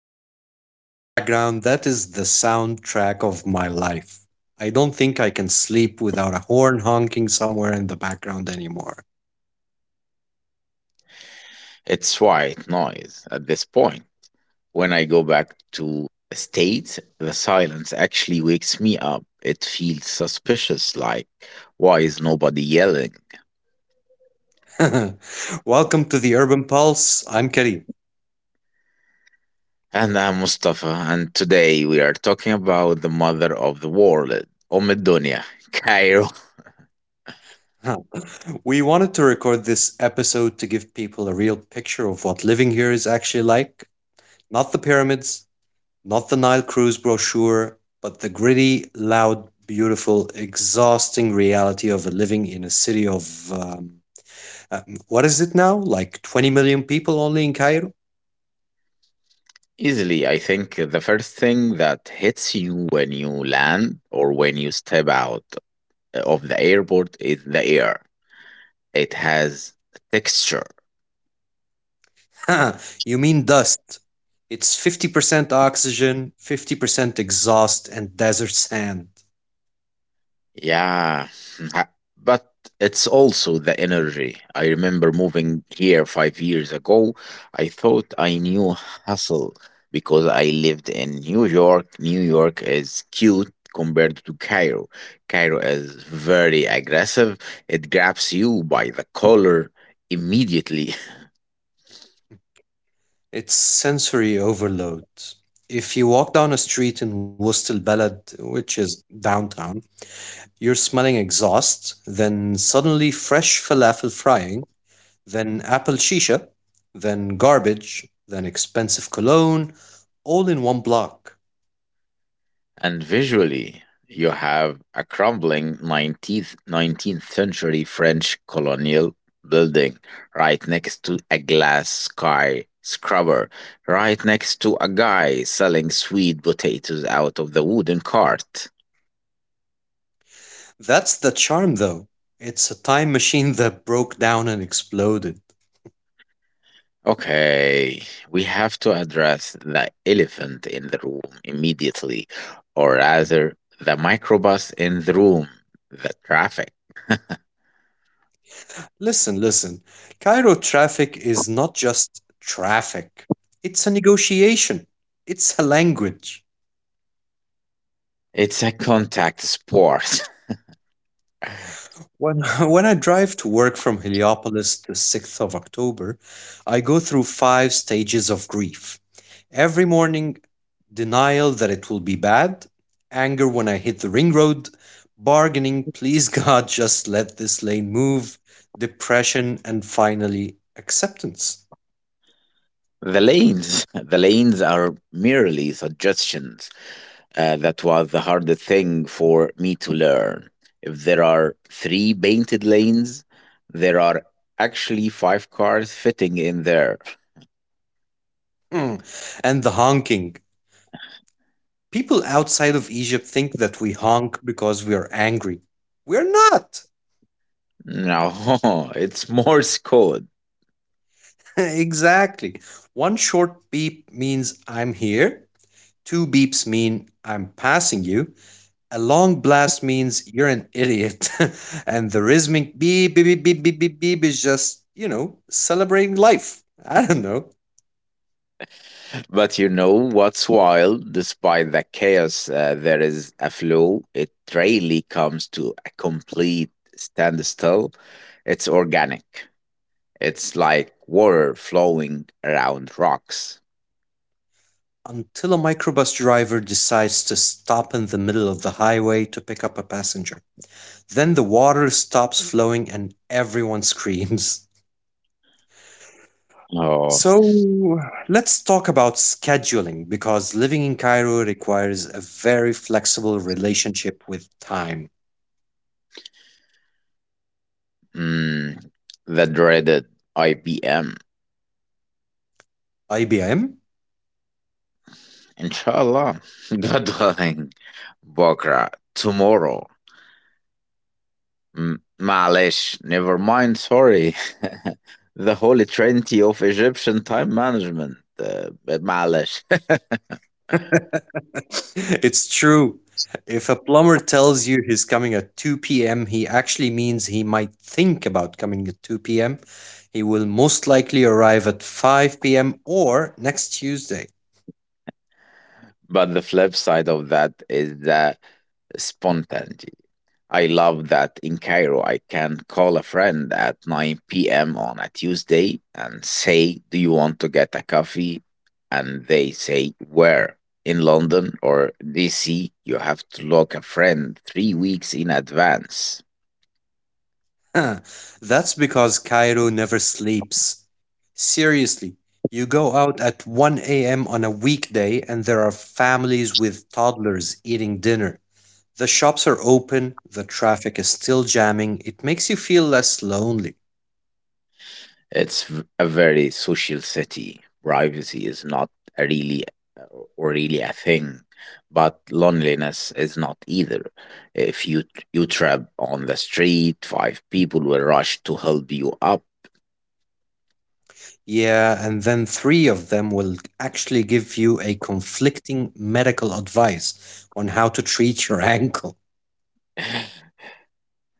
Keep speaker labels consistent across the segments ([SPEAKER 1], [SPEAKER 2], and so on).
[SPEAKER 1] that in the background? That is the soundtrack of my life. I don't think I can sleep without a horn honking somewhere in the background anymore.
[SPEAKER 2] It's white noise at this point. When I go back to states, the silence actually wakes me up. It feels suspicious, like, why is nobody yelling?
[SPEAKER 1] Welcome to the Urban Pulse. I'm Karim.
[SPEAKER 2] And I'm Mustafa, and today we are talking about the mother of the world, Dunya, Cairo.
[SPEAKER 1] Huh. We wanted to record this episode to give people a real picture of what living here is actually like. Not the pyramids, not the Nile cruise brochure, but the gritty, loud, beautiful, exhausting reality of living in a city of um, uh, what is it now? Like 20 million people only in Cairo?
[SPEAKER 2] Easily, I think the first thing that hits you when you land or when you step out of the airport is the air. It has texture.
[SPEAKER 1] You mean dust. It's 50% oxygen, 50% exhaust, and desert sand.
[SPEAKER 2] Yeah, ha- but it's also the energy. I remember moving here 5 years ago. I thought I knew hustle because I lived in New York. New York is cute compared to Cairo. Cairo is very aggressive. It grabs you by the collar immediately.
[SPEAKER 1] It's sensory overload. If you walk down a street in Wust al Balad, which is downtown, you're smelling exhaust, then suddenly fresh falafel frying, then apple shisha, then garbage, then expensive cologne, all in one block.
[SPEAKER 2] And visually, you have a crumbling 19th century French colonial building, right next to a glass skyscraper, right next to a guy selling sweet potatoes out of the wooden cart.
[SPEAKER 1] That's the charm, though. It's a time machine that broke down and exploded.
[SPEAKER 2] Okay, we have to address the elephant in the room immediately, or rather, the microbus in the room, the traffic.
[SPEAKER 1] Listen, listen. Cairo traffic is not just traffic, it's a negotiation, it's a language.
[SPEAKER 2] It's a contact sport.
[SPEAKER 1] When, when I drive to work from Heliopolis the 6th of October, I go through 5 stages of grief. Every morning, denial that it will be bad, anger when I hit the ring road, bargaining, please God, just let this lane move, depression, and finally, acceptance.
[SPEAKER 2] The lanes, the lanes are merely suggestions. That was the hardest thing for me to learn. If there are three painted lanes, there are actually five cars fitting in there.
[SPEAKER 1] Hmm. And the honking. People outside of Egypt think that we honk because we are angry. We're not.
[SPEAKER 2] No, it's Morse code.
[SPEAKER 1] Exactly. One short beep means I'm here, two beeps mean I'm passing you, a long blast means you're an idiot, and the rhythmic beep, beep, beep, beep, beep, beep, beep is just, celebrating life. I don't know.
[SPEAKER 2] But you know what's wild? Despite the chaos, there is a flow. It rarely comes to a complete standstill. It's organic. It's like water flowing around rocks.
[SPEAKER 1] Until a microbus driver decides to stop in the middle of the highway to pick up a passenger. Then the water stops flowing and everyone screams.
[SPEAKER 2] Oh.
[SPEAKER 1] So let's talk about scheduling because living in Cairo requires a very flexible relationship with time.
[SPEAKER 2] Mm, the dreaded IPM.
[SPEAKER 1] IBM?
[SPEAKER 2] Inshallah. God willing. Bokra. Tomorrow. Malish. Never mind. Sorry. The holy trinity of Egyptian time management. But Malish.
[SPEAKER 1] It's true. If a plumber tells you he's coming at 2 p.m., he actually means he might think about coming at 2 p.m. He will most likely arrive at 5 p.m. or next Tuesday.
[SPEAKER 2] But the flip side of that is the spontaneity. I love that in Cairo, I can call a friend at 9 p.m. on a Tuesday and say, "Do you want to get a coffee?" And they say, "Where?" In London or DC? You have to look a friend 3 weeks in advance.
[SPEAKER 1] Huh. That's because Cairo never sleeps. Seriously, you go out at 1 a.m. on a weekday and there are families with toddlers eating dinner. The shops are open, the traffic is still jamming, it makes you feel less lonely.
[SPEAKER 2] It's a very social city. Privacy is not really Or really a thing, but loneliness is not either. If you trap on the street, five people will rush to help you up.
[SPEAKER 1] Yeah, and then three of them will actually give you a conflicting medical advice on how to treat your ankle.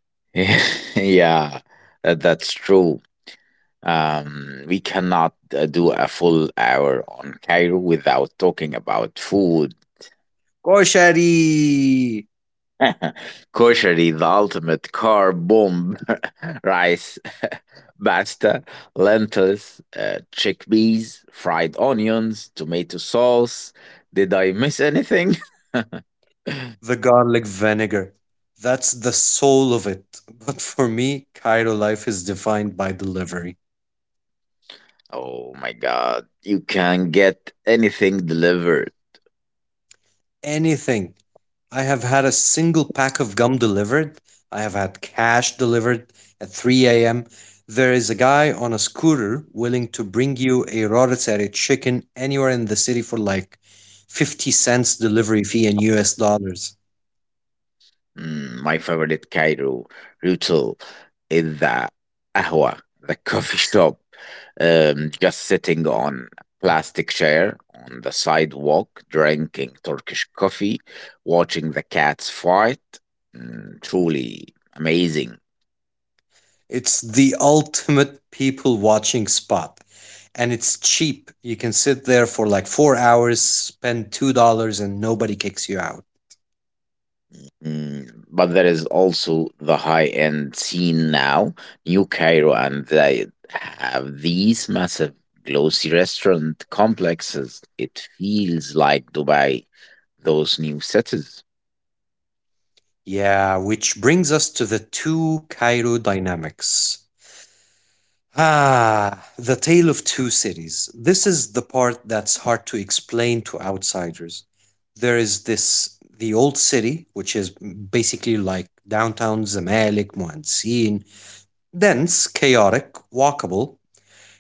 [SPEAKER 2] Yeah, that- that's true. We cannot do a full hour on Cairo without talking about food.
[SPEAKER 1] Koshari!
[SPEAKER 2] Koshari, the ultimate carb bomb. Rice, pasta, lentils, chickpeas, fried onions, tomato sauce. Did I miss anything?
[SPEAKER 1] The garlic vinegar. That's the soul of it. But for me, Cairo life is defined by delivery.
[SPEAKER 2] Oh my god, you can get anything delivered.
[SPEAKER 1] Anything. I have had a single pack of gum delivered. I have had cash delivered at 3 a.m. There is a guy on a scooter willing to bring you a rotisserie chicken anywhere in the city for like 50¢ delivery fee in US dollars.
[SPEAKER 2] My favorite Cairo ritual is the ahwa, the coffee shop. Just sitting on a plastic chair on the sidewalk, drinking Turkish coffee, watching the cats fight. Truly amazing.
[SPEAKER 1] It's the ultimate people watching spot. And it's cheap. You can sit there for like 4 hours, spend $2, and nobody kicks you out.
[SPEAKER 2] But there is also the high end scene now, New Cairo, and they have these massive glossy restaurant complexes. It feels like Dubai, those new cities.
[SPEAKER 1] Yeah, which brings us to the two Cairo dynamics. Ah, the tale of two cities. This is the part that's hard to explain to outsiders. There is this, the old city, which is basically like downtown Zamalek, Muhansin, dense, chaotic, walkable,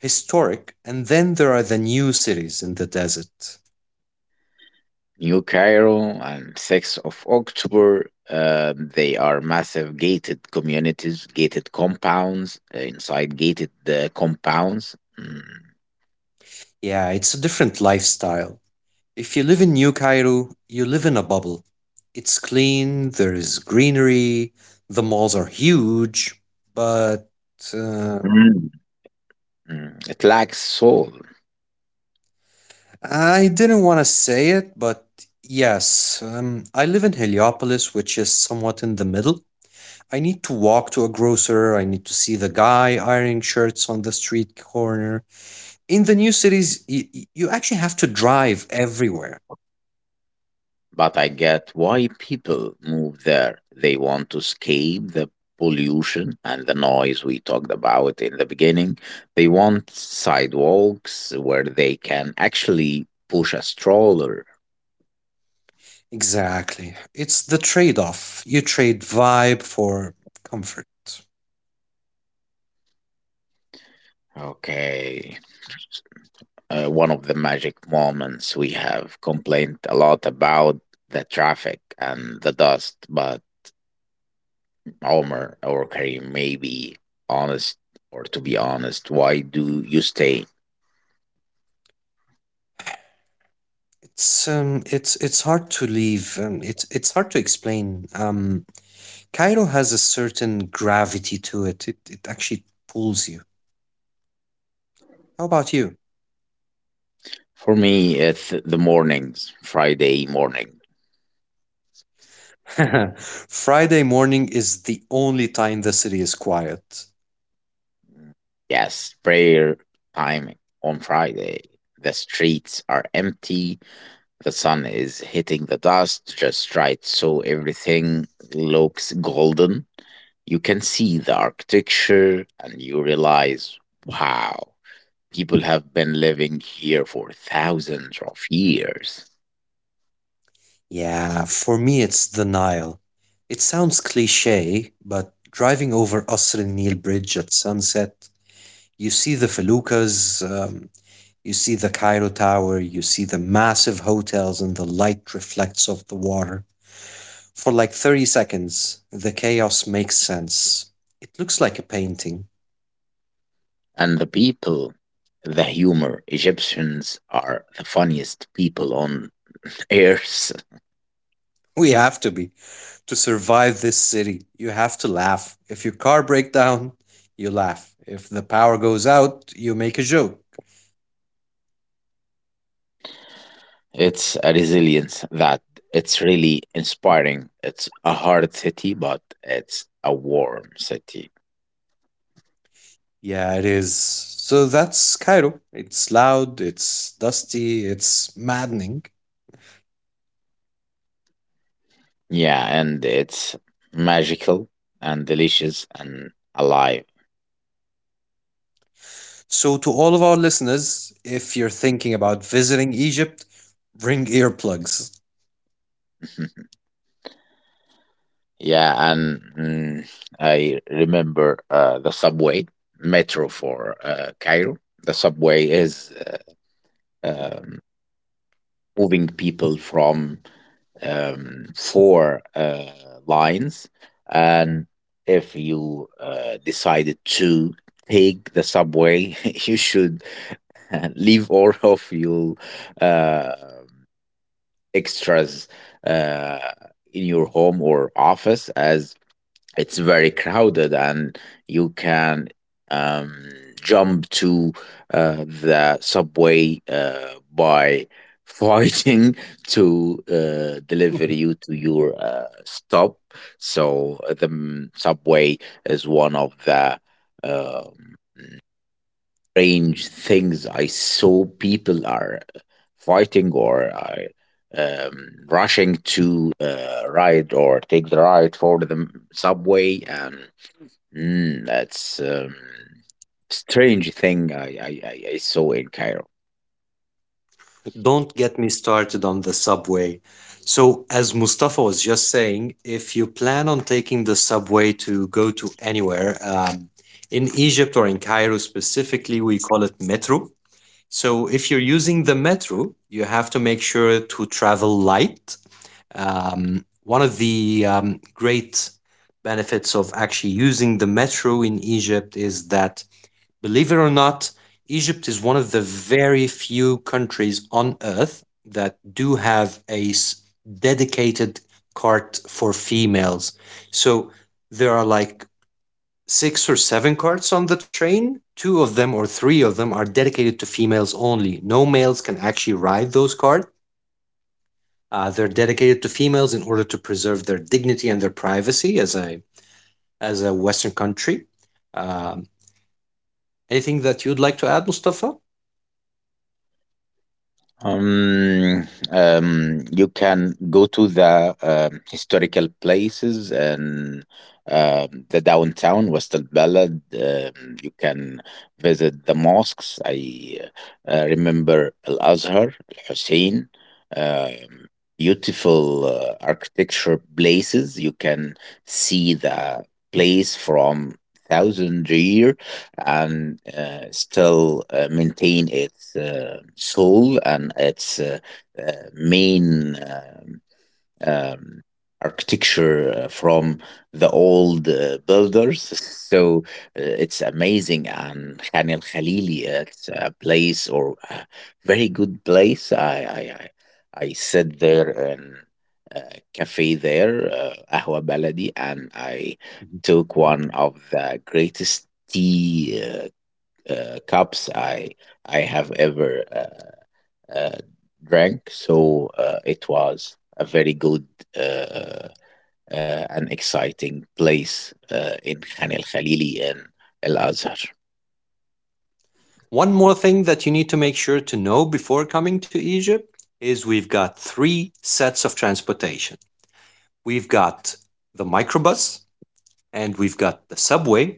[SPEAKER 1] historic, and then there are the new cities in the desert.
[SPEAKER 2] New Cairo and 6th of October, they are massive gated communities, gated compounds, inside gated compounds.
[SPEAKER 1] Yeah, it's a different lifestyle. If you live in New Cairo, you live in a bubble. It's clean, there is greenery, the malls are huge, but uh,
[SPEAKER 2] Mm. Mm. It lacks soul,
[SPEAKER 1] I didn't want to say it, but yes, I live in Heliopolis, which is somewhat in the middle. I need to walk to a grocer, I need to see the guy ironing shirts on the street corner. In the new cities you actually have to drive everywhere.
[SPEAKER 2] but I get why people move there. They want to escape the pollution and the noise we talked about in the beginning. They want sidewalks where they can actually push a stroller.
[SPEAKER 1] Exactly, it's the trade-off. You trade vibe for comfort.
[SPEAKER 2] Okay, one of the magic moments, we have complained a lot about the traffic and the dust, but Omar or Karim, maybe honest or to be honest, why do you stay?
[SPEAKER 1] It's hard to leave. It's hard to explain. Cairo has a certain gravity to it. It actually pulls you. How about you?
[SPEAKER 2] For me it's the mornings. Friday morning,
[SPEAKER 1] Friday morning is the only time the city is quiet.
[SPEAKER 2] yes, prayer time on Friday. The streets are empty. The sun is hitting the dust just right, so everything looks golden. You can see the architecture and you realize, wow, people have been living here for thousands of years.
[SPEAKER 1] Yeah, for me it's the Nile. It sounds cliché, but driving over Qasr al-Nil Bridge at sunset, you see the feluccas, you see the Cairo Tower, you see the massive hotels, and the light reflects off the water. For like 30 seconds, the chaos makes sense. It looks like a painting.
[SPEAKER 2] And the people, the humor, Egyptians are the funniest people on earth.
[SPEAKER 1] We have to be. To survive this city, you have to laugh. If your car breaks down, you laugh. If the power goes out, you make a joke.
[SPEAKER 2] It's a resilience that it's really inspiring. It's a hard city, but it's a warm city.
[SPEAKER 1] Yeah, it is. So that's Cairo. It's loud, it's dusty, it's maddening.
[SPEAKER 2] Yeah, and it's magical and delicious and alive.
[SPEAKER 1] So, to all of our listeners, if you're thinking about visiting Egypt, bring earplugs.
[SPEAKER 2] Yeah, and I remember the subway metro for Cairo. The subway is uh, um, moving people from four lines, and if you decided to take the subway, you should leave all of your. Uh, extras uh, in your home or office, as it's very crowded, and you can um, jump to the subway by fighting to deliver you to your stop. So the subway is one of the um, strange things I saw. People are fighting or are rushing to ride or take the ride for the subway, and that's strange thing I saw in Cairo.
[SPEAKER 1] Don't get me started on the subway. So, as Mustafa was just saying, if you plan on taking the subway to go to anywhere, in Egypt or in Cairo specifically, we call it metro. So if you're using the metro, you have to make sure to travel light. One of the great benefits of actually using the metro in Egypt is that, believe it or not, Egypt is one of the very few countries on earth that do have a dedicated cart for females. So there are like 6 or 7 carts on the train. Two of them or three of them are dedicated to females only. No males can actually ride those carts. They're dedicated to females in order to preserve their dignity and their privacy as a Western country. Um, anything that you'd like to add, Mustafa?
[SPEAKER 2] You can go to the historical places and the downtown, West Balad. You can visit the mosques. I remember Al Azhar, Al Hussein. Um, beautiful architecture places. You can see the place from thousand years and still maintain its soul and its main um, architecture from the old builders. So it's amazing. And Khan al Khalili, it's a place or a very good place. I sit there in a cafe there, Ahwa Baladi, and I took one of the greatest tea cups I have ever uh, drank. So it was a very good uh, and exciting place in Khan el Khalili in Al Azhar.
[SPEAKER 1] One more thing that you need to make sure to know before coming to Egypt is we've got three sets of transportation. We've got the microbus, and we've got the subway,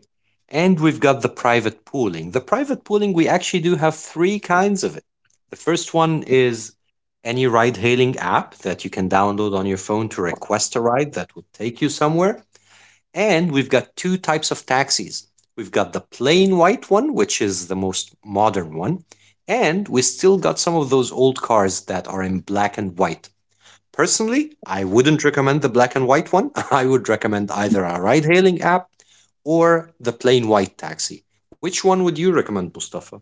[SPEAKER 1] and we've got the private pooling. The private pooling, we actually do have three kinds of it. The first one is any ride hailing app that you can download on your phone to request a ride that would take you somewhere. And we've got two types of taxis. We've got the plain white one, which is the most modern one, and we still got some of those old cars that are in black and white. Personally, I wouldn't recommend the black and white one. I would recommend either a ride hailing app or the plain white taxi. Which one would you recommend, Mustafa?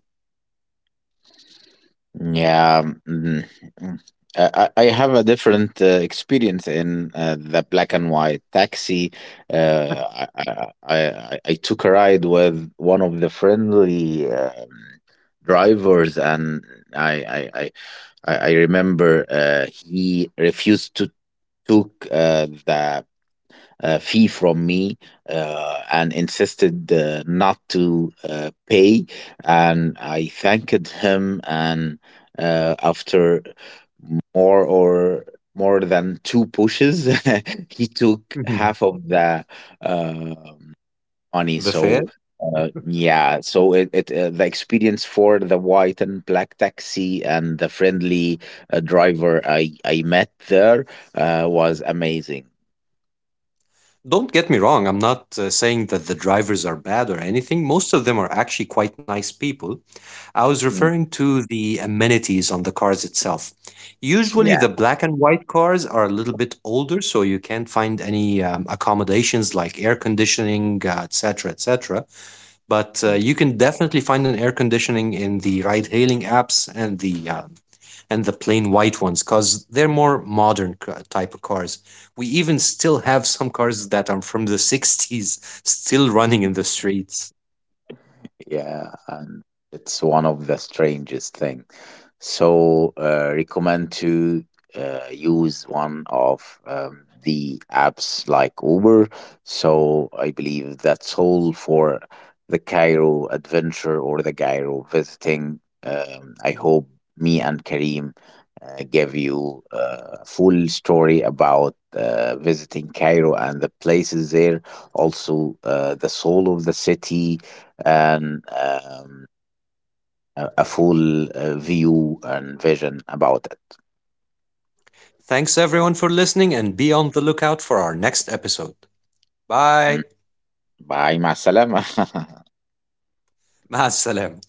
[SPEAKER 2] Yeah, mm, mm. I, I I have a different experience in the black and white taxi. I took a ride with one of the friendly drivers, and I, I, I, I remember he refused to took the fee from me and insisted not to pay. And I thanked him. And after more or more than two pushes, he took
[SPEAKER 1] Mhm.
[SPEAKER 2] half of the uh, money.
[SPEAKER 1] The fare?
[SPEAKER 2] So yeah, so it the experience for the white and black taxi and the friendly driver I met there was amazing.
[SPEAKER 1] Don't get me wrong, I'm not saying that the drivers are bad or anything. Most of them are actually quite nice people. I was
[SPEAKER 2] Mm.
[SPEAKER 1] referring to the amenities on the cars itself. Usually,
[SPEAKER 2] Yeah.
[SPEAKER 1] the black and white cars are a little bit older, so you can't find any accommodations like air conditioning, etc., etc. But you can definitely find an air conditioning in the ride-hailing apps and the plain white ones because they're more modern type of cars. We even still have some cars that are from the '60s still running in the streets.
[SPEAKER 2] Yeah, and it's one of the strangest thing. So recommend to use one of the apps like Uber. So I believe that's all for the Cairo adventure or the Cairo visiting. I hope me and Karim give you a full story about visiting Cairo and the places there, also the soul of the city, and a full view and vision about it.
[SPEAKER 1] Thanks everyone for listening and be on the lookout for our next episode.
[SPEAKER 2] Mm.
[SPEAKER 1] Bye.
[SPEAKER 2] Bye, مع السلامة
[SPEAKER 1] مع السلامة.